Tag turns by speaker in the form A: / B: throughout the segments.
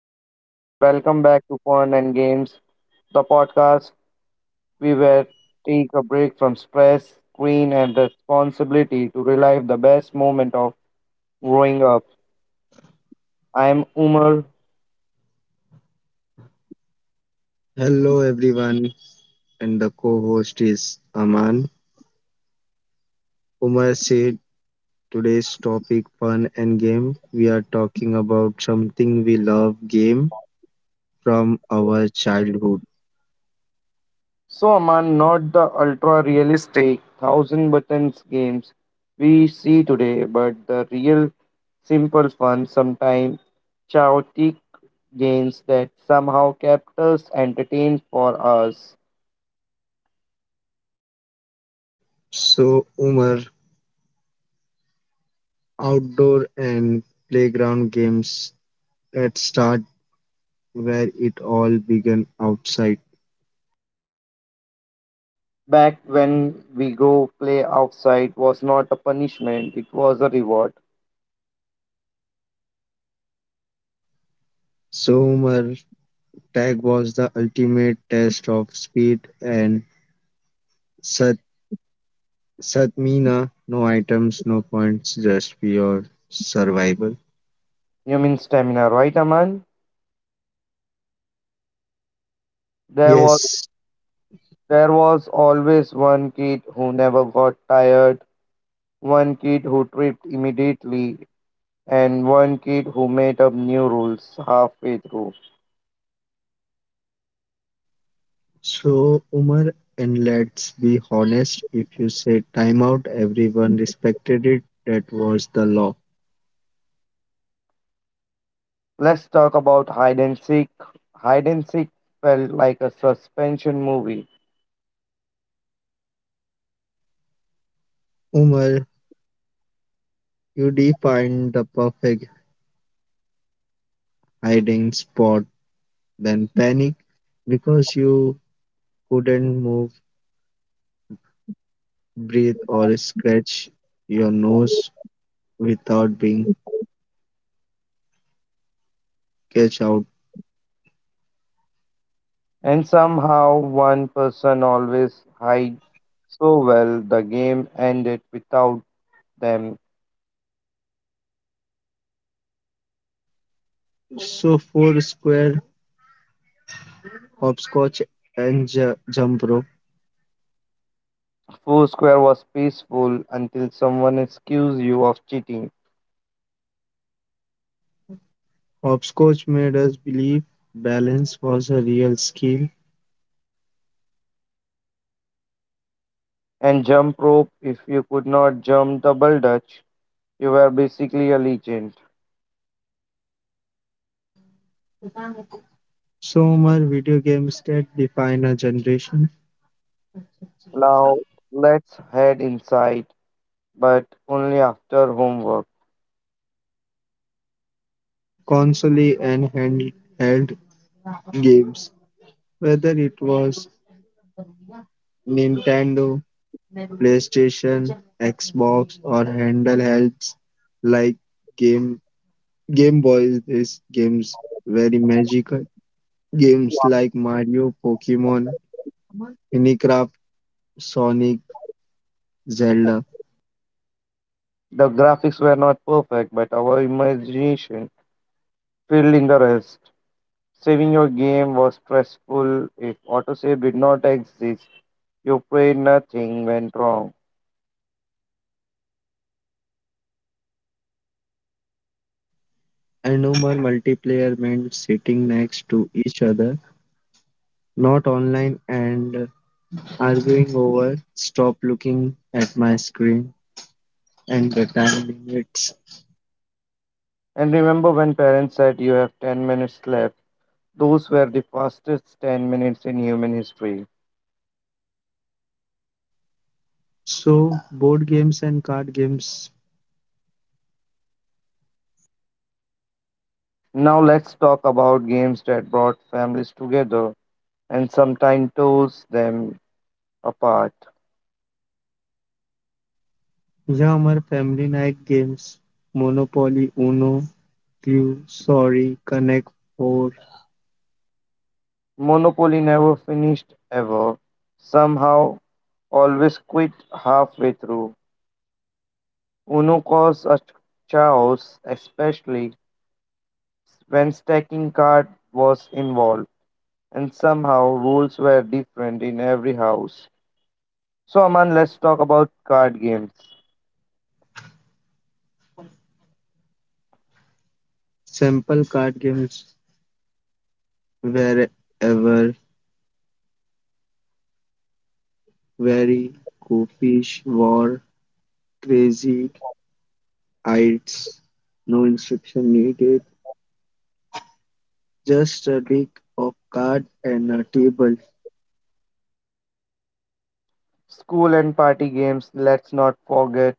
A: everyone, and welcome back to Fun and Games, the podcast we will take a break from stress, screen, and responsibility to relive the best moment of growing up. I'm Umar.
B: Hello everyone, and the co-host is Aman. Umar said today's topic fun and game. We are talking about something we love game from our childhood.
A: So, Aman, not the ultra realistic thousand buttons games we see today, but the real simple fun, sometimes chaotic games that somehow kept us entertained for hours.
B: So Umar, outdoor and playground games. Let's start where it all began outside.
A: Back when we go play outside was not a punishment, it was a reward.
B: So Umar, tag was the ultimate test of speed and Satmina, no items, no points, just pure survival.
A: You mean stamina, right, Aman? There was
B: Yes,
A: there was always one kid who never got tired, one kid who tripped immediately, and one kid who made up new rules halfway through.
B: so Umar, and let's be honest, if you say timeout, everyone respected it. That was the law.
A: Let's talk about hide and seek. Hide and seek felt like a suspension movie,
B: Umar, you defined the perfect hiding spot, then panic because you couldn't move, breathe, or scratch your nose without being catch out.
A: and somehow one person always hide so well the game ended without them.
B: So four square, hopscotch and jump rope.
A: Foursquare was peaceful until someone accused you of cheating.
B: Hopscotch made us believe balance was a real skill.
A: And jump rope, if you could not jump double dutch, you were basically a legend.
B: So much video games that define a generation,
A: Now let's head inside, but only after homework.
B: console and handheld games, whether it was Nintendo, PlayStation, Xbox, or handhelds like Game Game Boys. These games very magical. Games like Mario, Pokemon, Minecraft, Sonic, Zelda,
A: The graphics were not perfect but our imagination filled in the rest. Saving your game was stressful. If autosave did not exist, you prayed nothing went wrong.
B: and no more multiplayer meant sitting next to each other, not online and arguing over stop looking at my screen and the time limits.
A: And remember when parents said you have 10 minutes left, those were the fastest 10 minutes in human history.
B: So, board games and card games,
A: Now let's talk about games that brought families together and sometimes tore them apart.
B: yeah, our family night games, Monopoly, Uno, Clue, Sorry, Connect 4,
A: Monopoly never finished ever. Somehow always quit halfway through. Uno caused a chaos, especially when stacking card was involved, and somehow rules were different in every house. So, Aman, let's talk about card games.
B: simple card games, wherever, very, Go Fish, War, Crazy, Heights, no instruction needed. Just a deck of cards and a table.
A: School and party games, let's not forget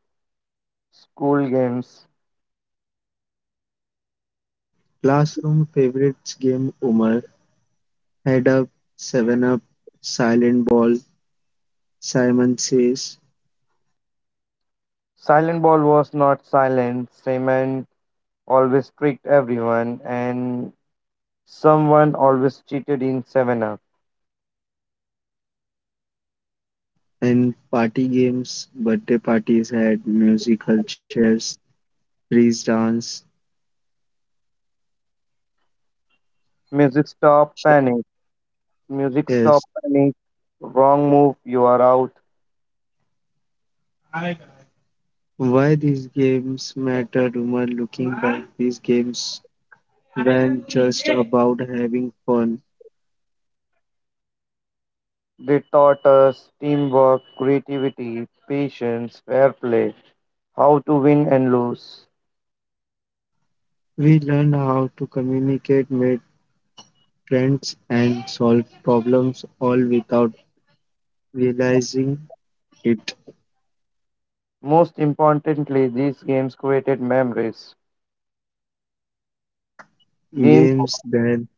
A: school games.
B: Classroom favorites game Umar, Head Up, Seven Up, Silent Ball, Simon Says,
A: Silent ball was not silent, Simon always tricked everyone, and someone always cheated in 7 Up.
B: and party games. Birthday parties had musical chairs, freeze dance.
A: Music stop,
B: Sh-
A: panic. Music stop,
B: Yes.
A: panic. Wrong move, you are out.
B: Why these games matter, Umar? Looking back, these games weren't just about having fun.
A: They taught us teamwork, creativity, patience, fair play, how to win and lose.
B: We learned how to communicate, make friends, and solve problems all without realizing it
A: Most importantly, these games created memories. Games,
B: games then.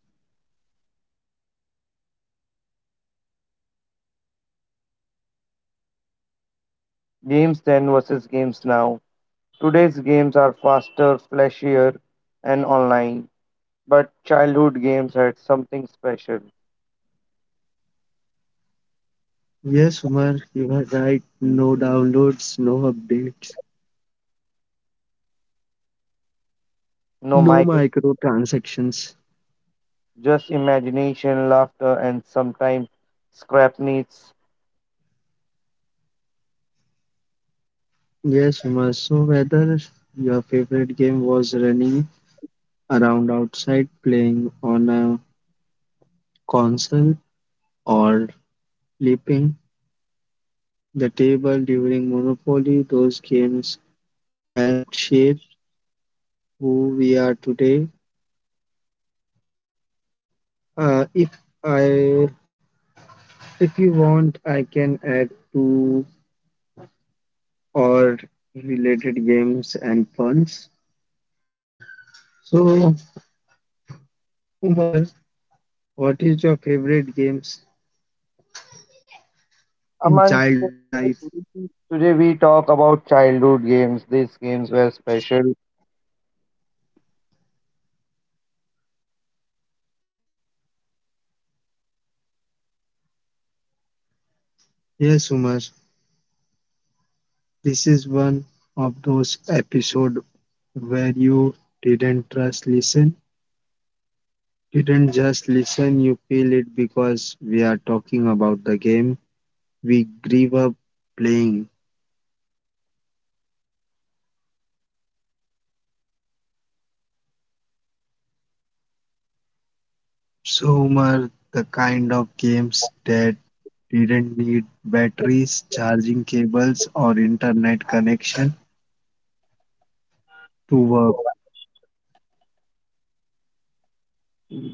A: games then versus games now. Today's games are faster, flashier, and online. But childhood games had something special.
B: Yes Umar, you were right, no downloads, no updates,
A: No
B: no
A: mic,
B: microtransactions.
A: just imagination, laughter, and sometimes scrap needs.
B: Yes Umar, so whether your favorite game was running around outside playing on a console, or flipping the table during Monopoly, those games helped shape who we are today. If I if you want I can add to or related games and puns. So, Umar, what is your favorite games in
A: Aman,
B: childhood life?
A: today we talk about childhood games. These games were special.
B: Yes, Umar, this is one of those episodes where you didn't just listen, you feel it because we are talking about the game we grew up playing. So, Umar, the kind of games that didn't need batteries, charging cables, or internet connection to work.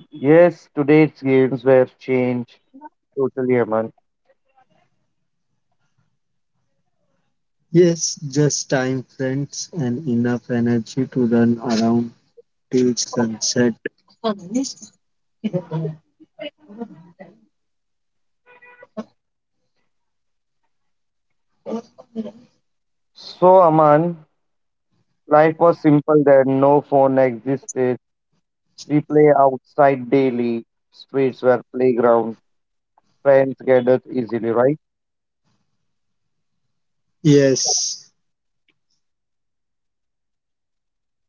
A: Yes, today's games were changed totally, Aman.
B: Yes, just time, friends, and enough energy to run around till sunset.
A: So, Aman, life was simple then. No phone existed. We play outside daily. Streets were playground. Friends gathered easily, right?
B: Yes,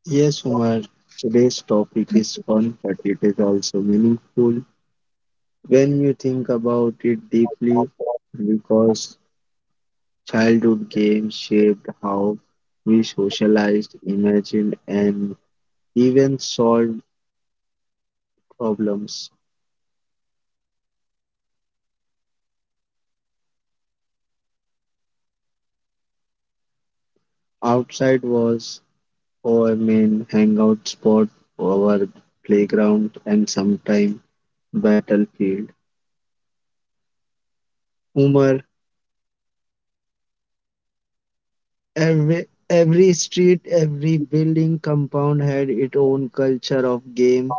B: yes, Umar. Today's topic is fun, but it is also meaningful when you think about it deeply because childhood games shaped how we socialized, imagined, and even solved problems. Outside was our main hangout spot, our playground, and sometimes battlefield. Umar, every street, every building compound had its own culture of game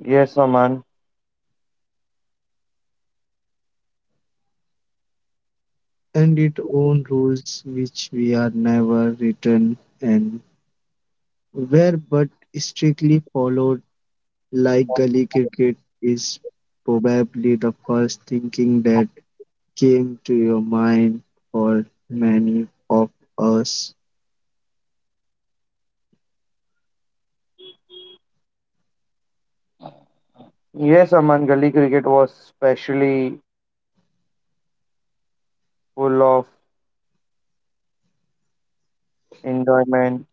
A: Yes, Aman.
B: and its own rules, which we are never written and were but strictly followed, like gully cricket is probably the first thinking that came to your mind for many of us.
A: Yes, Aman. Gully cricket was specially full of enjoyment.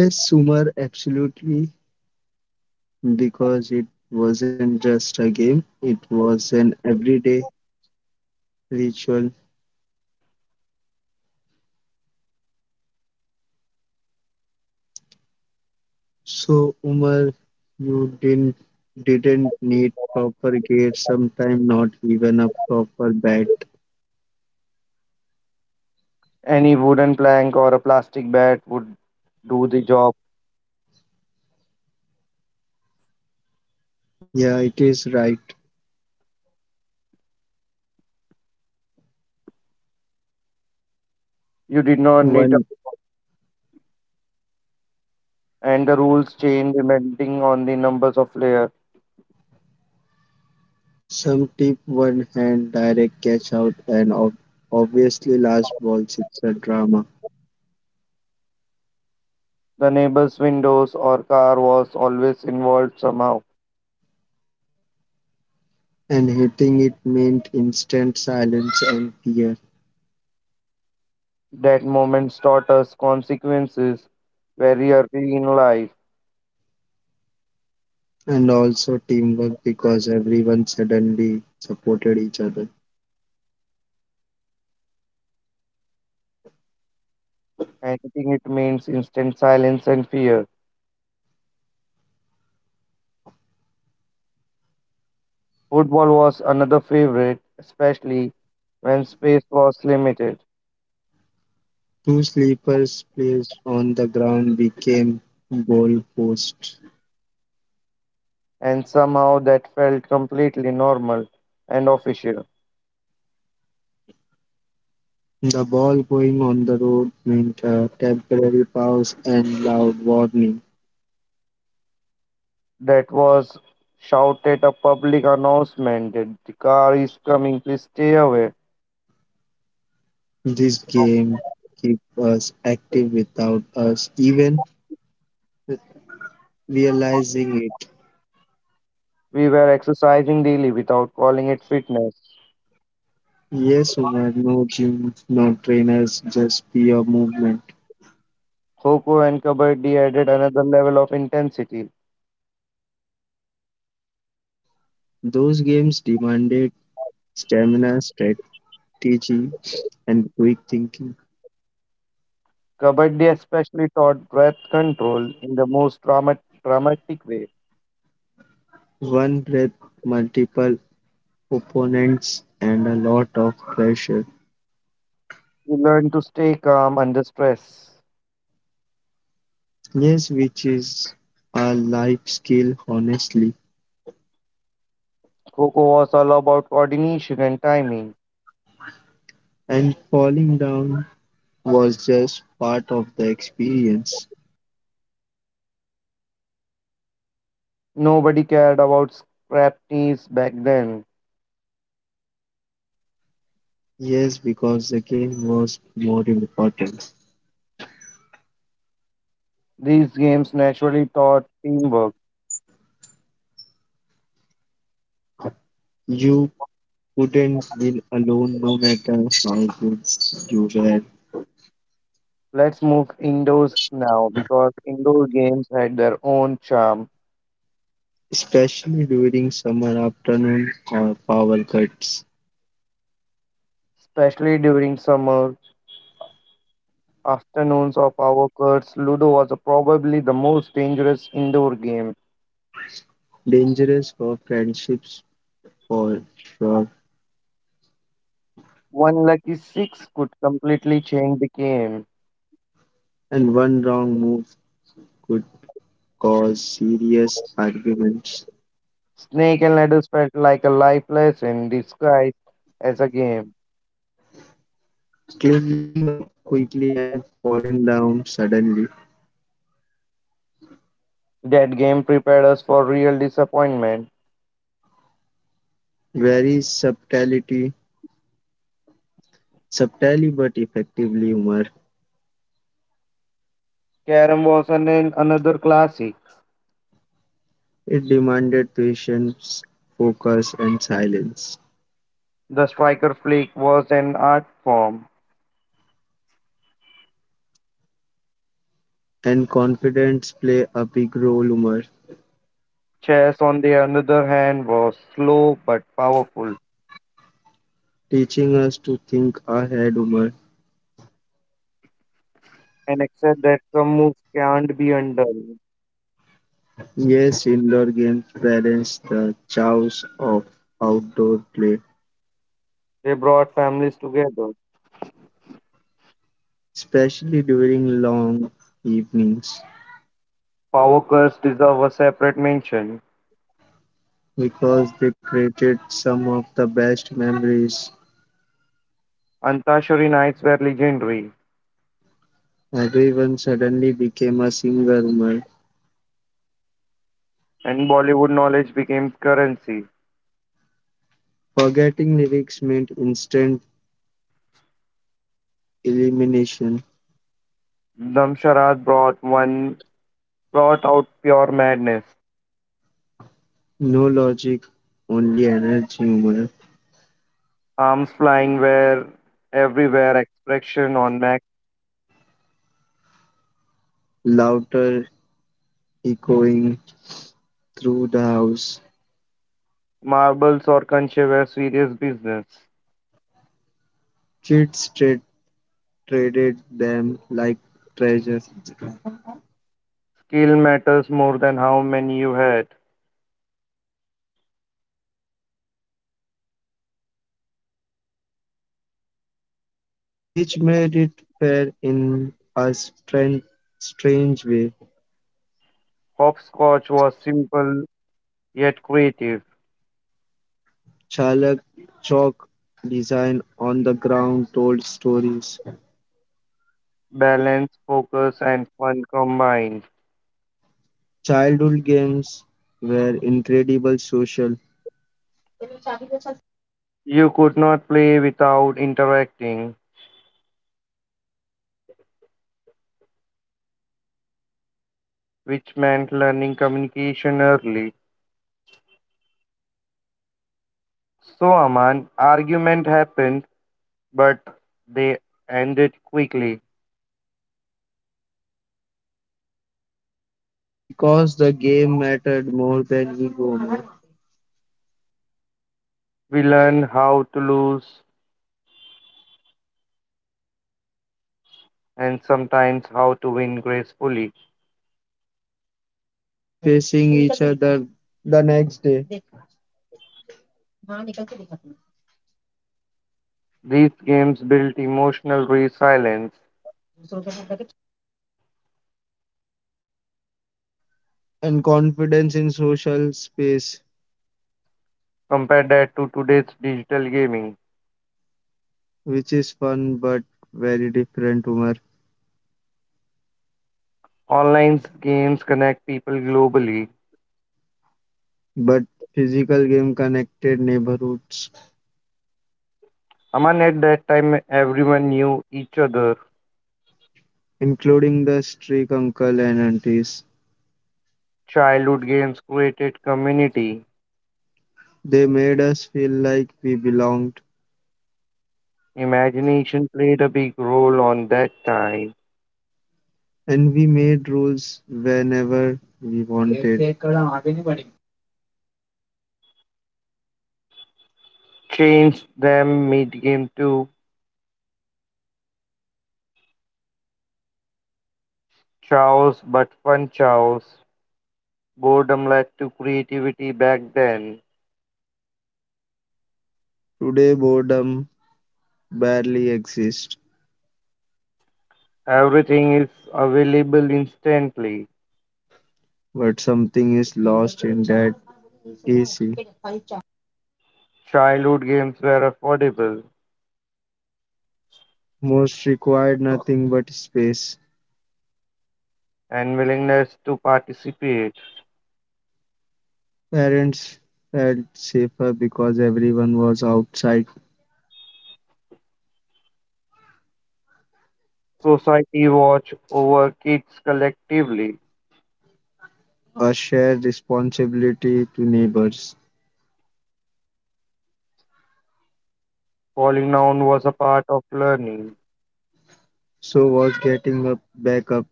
B: Yes, Umar, absolutely. Because it wasn't just a game, it was an everyday ritual. So, Umar, you didn't need proper gear, sometimes not even a proper bat.
A: Any wooden plank or a plastic bat would do the job.
B: Yeah, it is right.
A: You did not need,
B: One
A: and the rules changed depending on the numbers of players.
B: some tip, one hand direct catch out, and obviously last balls. It's a drama,
A: The neighbor's windows or car was always involved somehow.
B: and hitting it meant instant silence and fear.
A: That moment taught us consequences very early in life.
B: And also teamwork because everyone suddenly supported each other.
A: Anything it means instant silence and fear. Football was another favorite, especially when space was limited,
B: Two sleepers placed on the ground became goal posts.
A: and somehow that felt completely normal and official.
B: The ball going on the road meant a temporary pause and loud warning.
A: That was shouted a public announcement that the car is coming, please stay away.
B: This game keep us active without us even realizing it.
A: We were exercising daily without calling it fitness.
B: Yes, Umar, no gym, no trainers, just pure movement.
A: Kho and Kabaddi added another level of intensity.
B: Those games demanded stamina, strategy, strategy and quick thinking.
A: Kabaddi especially taught breath control in the most dramatic way.
B: One breath, multiple opponents, and a lot of pressure.
A: We learned to stay calm under stress.
B: Yes, which is a life skill, honestly.
A: Kho was all about coordination and timing.
B: And falling down was just part of the experience.
A: Nobody cared about scrap knees back then.
B: Yes, because the game was more important.
A: These games naturally taught teamwork.
B: You couldn't win alone no matter how good you were,
A: Let's move indoors now because indoor games had their own charm,
B: especially during summer afternoon or power cuts.
A: especially during summer afternoons of our courts. Ludo was probably the most dangerous indoor game.
B: Dangerous for friendships for sure,
A: One lucky six could completely change the game.
B: and one wrong move could cause serious arguments.
A: Snake and ladders felt like a life lesson disguised as a game.
B: Climbing up quickly and falling down suddenly.
A: That game prepared us for real disappointment.
B: Very subtlety, subtly but effectively humor.
A: Carom was an, another classic.
B: It demanded patience, focus, and silence.
A: The striker flick was an art form.
B: And confidence play a big role, humor,
A: Chess, on the other hand, was slow but powerful,
B: teaching us to think ahead, humor.
A: and except that some moves can't be undone,
B: Yes, indoor games balance the chaos of outdoor play
A: they brought families together.
B: especially during long evenings,
A: Power curves deserve a separate mention.
B: because they created some of the best memories.
A: Antashari knights were legendary,
B: Everyone suddenly became a singer. Man.
A: and Bollywood knowledge became currency.
B: Forgetting lyrics meant instant elimination,
A: Damsharad brought out pure madness.
B: no logic, only energy, humor,
A: Arms flying were everywhere, expression on max.
B: louder echoing through the house.
A: Marbles or conche were serious business.
B: Kids traded them like treasures,
A: Skill matters more than how many you had.
B: which made it fair in a strange way.
A: Hopscotch was simple yet creative.
B: Chalak chalk design on the ground told stories.
A: Balance, focus, and fun combined.
B: Childhood games were incredible social
A: You could not play without interacting, which meant learning communication early. So, Aman, argument happened, but they ended quickly.
B: because the game mattered more than ego. Man.
A: We learned how to lose and sometimes how to win gracefully.
B: Just facing each other the next day
A: These games built emotional resilience.
B: and confidence in social space,
A: Compare that to today's digital gaming.
B: which is fun but very different humor.
A: Online games connect people globally.
B: But physical game connected neighborhoods,
A: Aman, at that time, everyone knew each other.
B: including the street uncle and aunties.
A: Childhood games created community.
B: They made us feel like we belonged
A: Imagination played a big role on that time.
B: and we made rules whenever we wanted.
A: Changed them mid game too. Chaos, but fun chaos. Boredom led to creativity back then.
B: Today, boredom barely exists,
A: Everything is available instantly.
B: but something is lost in that AC.
A: Childhood games were affordable
B: Most required nothing but space.
A: and willingness to participate.
B: Parents felt safer because everyone was outside.
A: Society watched over kids collectively.
B: A shared responsibility to neighbors.
A: Falling down was a part of learning.
B: So was getting up, back up,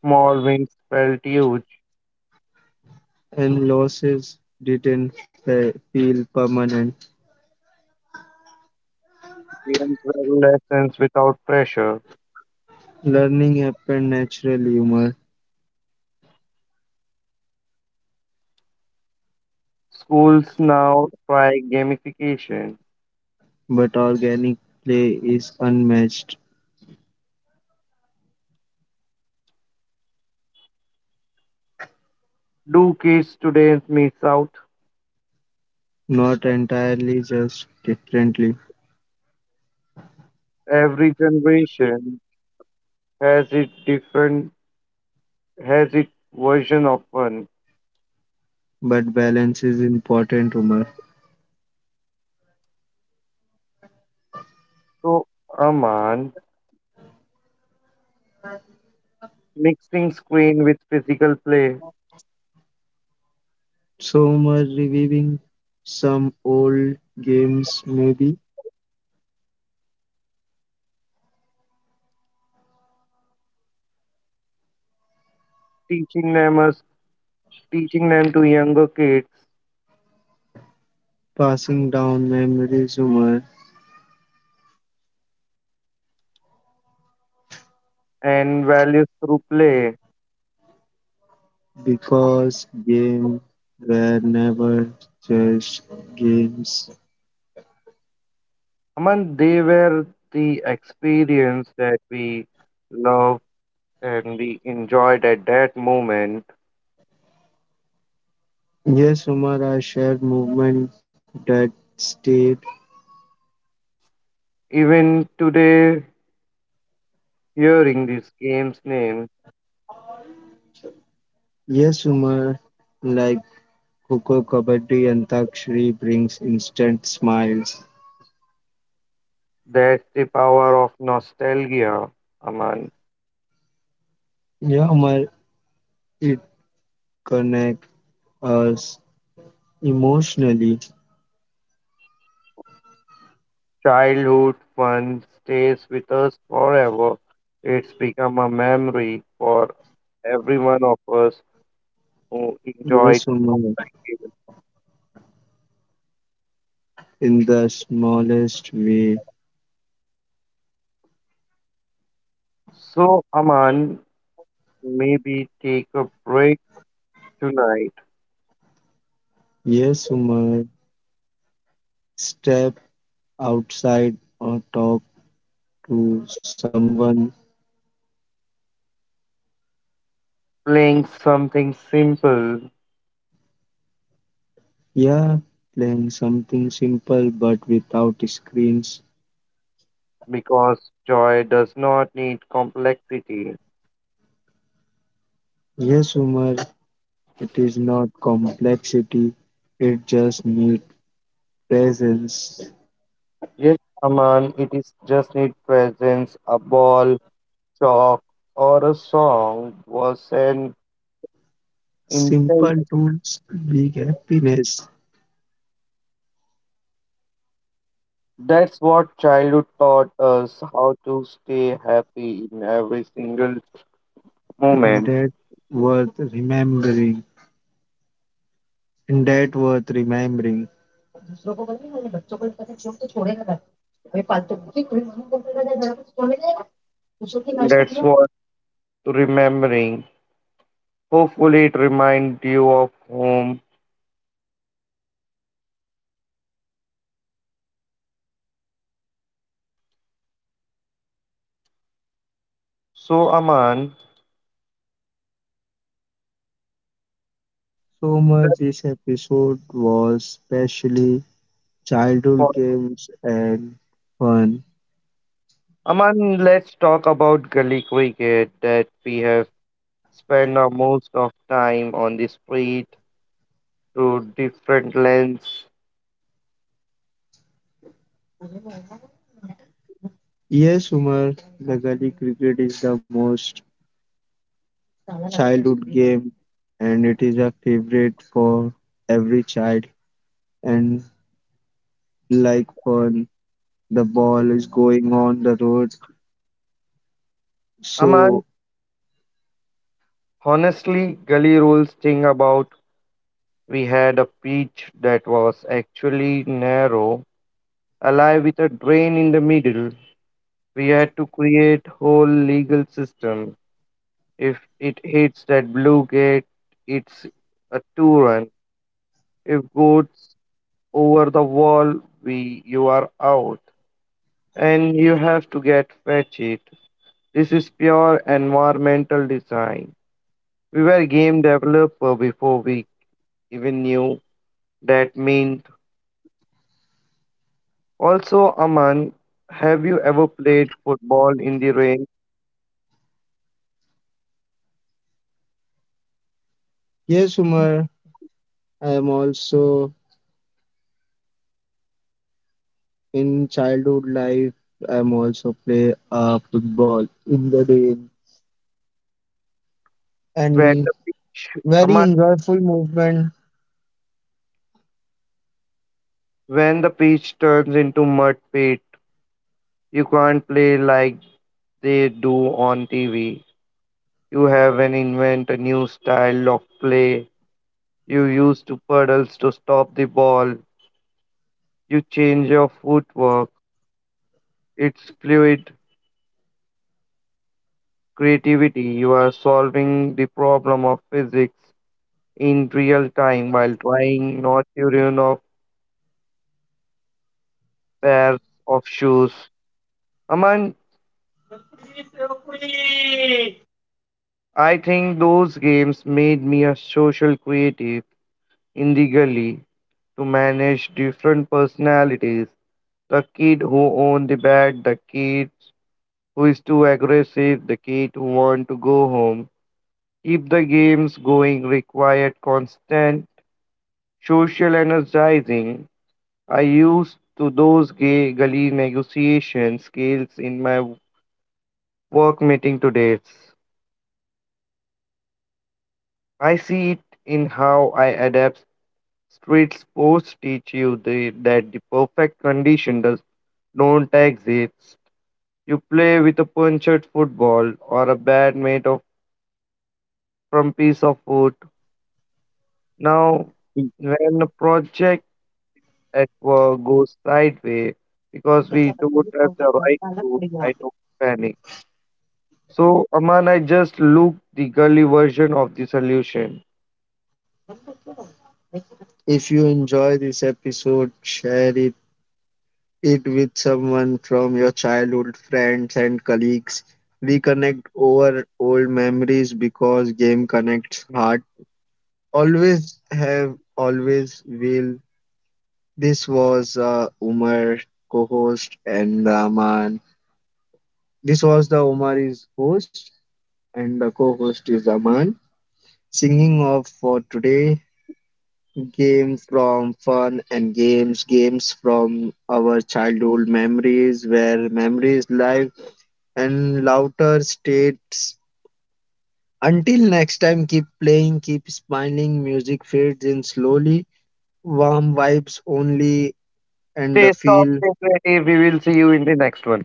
A: Small wins felt huge.
B: and losses didn't feel permanent.
A: Games were lessons without pressure.
B: Learning happened naturally, humor
A: Schools now try gamification.
B: but organic play is unmatched.
A: Do kids today miss out?
B: Not entirely just differently,
A: Every generation has its different has its version of fun.
B: but balance is important, Umar.
A: So Aman, mixing screen with physical play,
B: So, Umar, reviving some old games, maybe
A: teaching them us, teaching them to younger kids
B: passing down memories, Umar,
A: and values through play.
B: because games were never just games.
A: Aman, they were the experience that we loved and we enjoyed at that moment.
B: Yes, Umar, I shared movement that stayed.
A: Even today, hearing this game's name,
B: Yes, Umar, like Coco Kabaddi Antakshari brings instant smiles.
A: that's the power of nostalgia, Aman.
B: Yeah, Umar, it connects us emotionally.
A: Childhood fun stays with us forever. It's become a memory for every one of us who enjoyed
B: Yes,
A: it.
B: Umar, in the smallest way.
A: So, Aman, maybe take a break tonight,
B: Yes, Umar, step outside or talk to someone.
A: playing something simple,
B: Yeah, playing something simple but without screens.
A: because joy does not need complexity.
B: Yes, Umar, it is not complexity, it just needs presence.
A: Yes, Aman, it is just need presence, a ball, chalk, or a song was an intent.
B: Simple tools, big happiness,
A: That's what childhood taught us how to stay happy in every single
B: and
A: moment.
B: that worth remembering. And that worth remembering.
A: And that's what remembering. Hopefully, it reminds you of home. So, Aman,
B: So much this episode was specially
A: that's
B: childhood games and fun.
A: Aman, let's talk about gully cricket that we have spent our most of time on the street through different lens.
B: Yes, Umar, the gully cricket is the most childhood game, and it is a favorite for every child. And like fun, the ball is going on the road.
A: Aman,
B: So
A: honestly, gully rules thing about we had a pitch that was actually narrow, alive with a drain in the middle. We had to create whole legal system. If it hits that blue gate, it's a two run. If goes over the wall, we you are out and you have to get fetched. This is pure environmental design. We were game developer before we even knew that meant. Also, Aman, have you ever played football in the rain
B: yes, Umar, I am also in childhood life. I am also play football in the rain and
A: where the pitch,
B: very
A: Aman,
B: enjoyable movement.
A: when the pitch turns into mud pit, you can't play like they do on TV. You have an invent a new style of play. You use two puddles to stop the ball. You change your footwork. It's fluid creativity. You are solving the problem of physics in real time while trying not to ruin of pairs of shoes. Aman, I think those games made me a social creative in the gully to manage different personalities. The kid who owned the bed, the kid who is too aggressive, the kid who want to go home. Keep the games going required constant social energizing. I used to those gay gully negotiation skills in my work meeting today. I see it in how I adapt. Street sports teach you that the perfect condition does don't exist. You play with a punctured football or a bat made of from piece of wood. Now, when a project at work goes sideways because we don't have the right tools, I don't panic. So, Aman, I just looked the girly version of the solution.
B: If you enjoy this episode, share it, with someone from your childhood friends and colleagues. Reconnect over old memories because game connects heart. Always have, always will. This was Umar, co-host, and Rahman. This was the Omari's host and the co-host is Aman. Singing off for today, games from fun and games, games from our childhood memories where memories live and louder states. Until next time, keep playing, keep smiling, music fades in slowly, warm vibes only and
A: Stay
B: the
A: soft,
B: feel
A: stay creative. We will see you in the next one.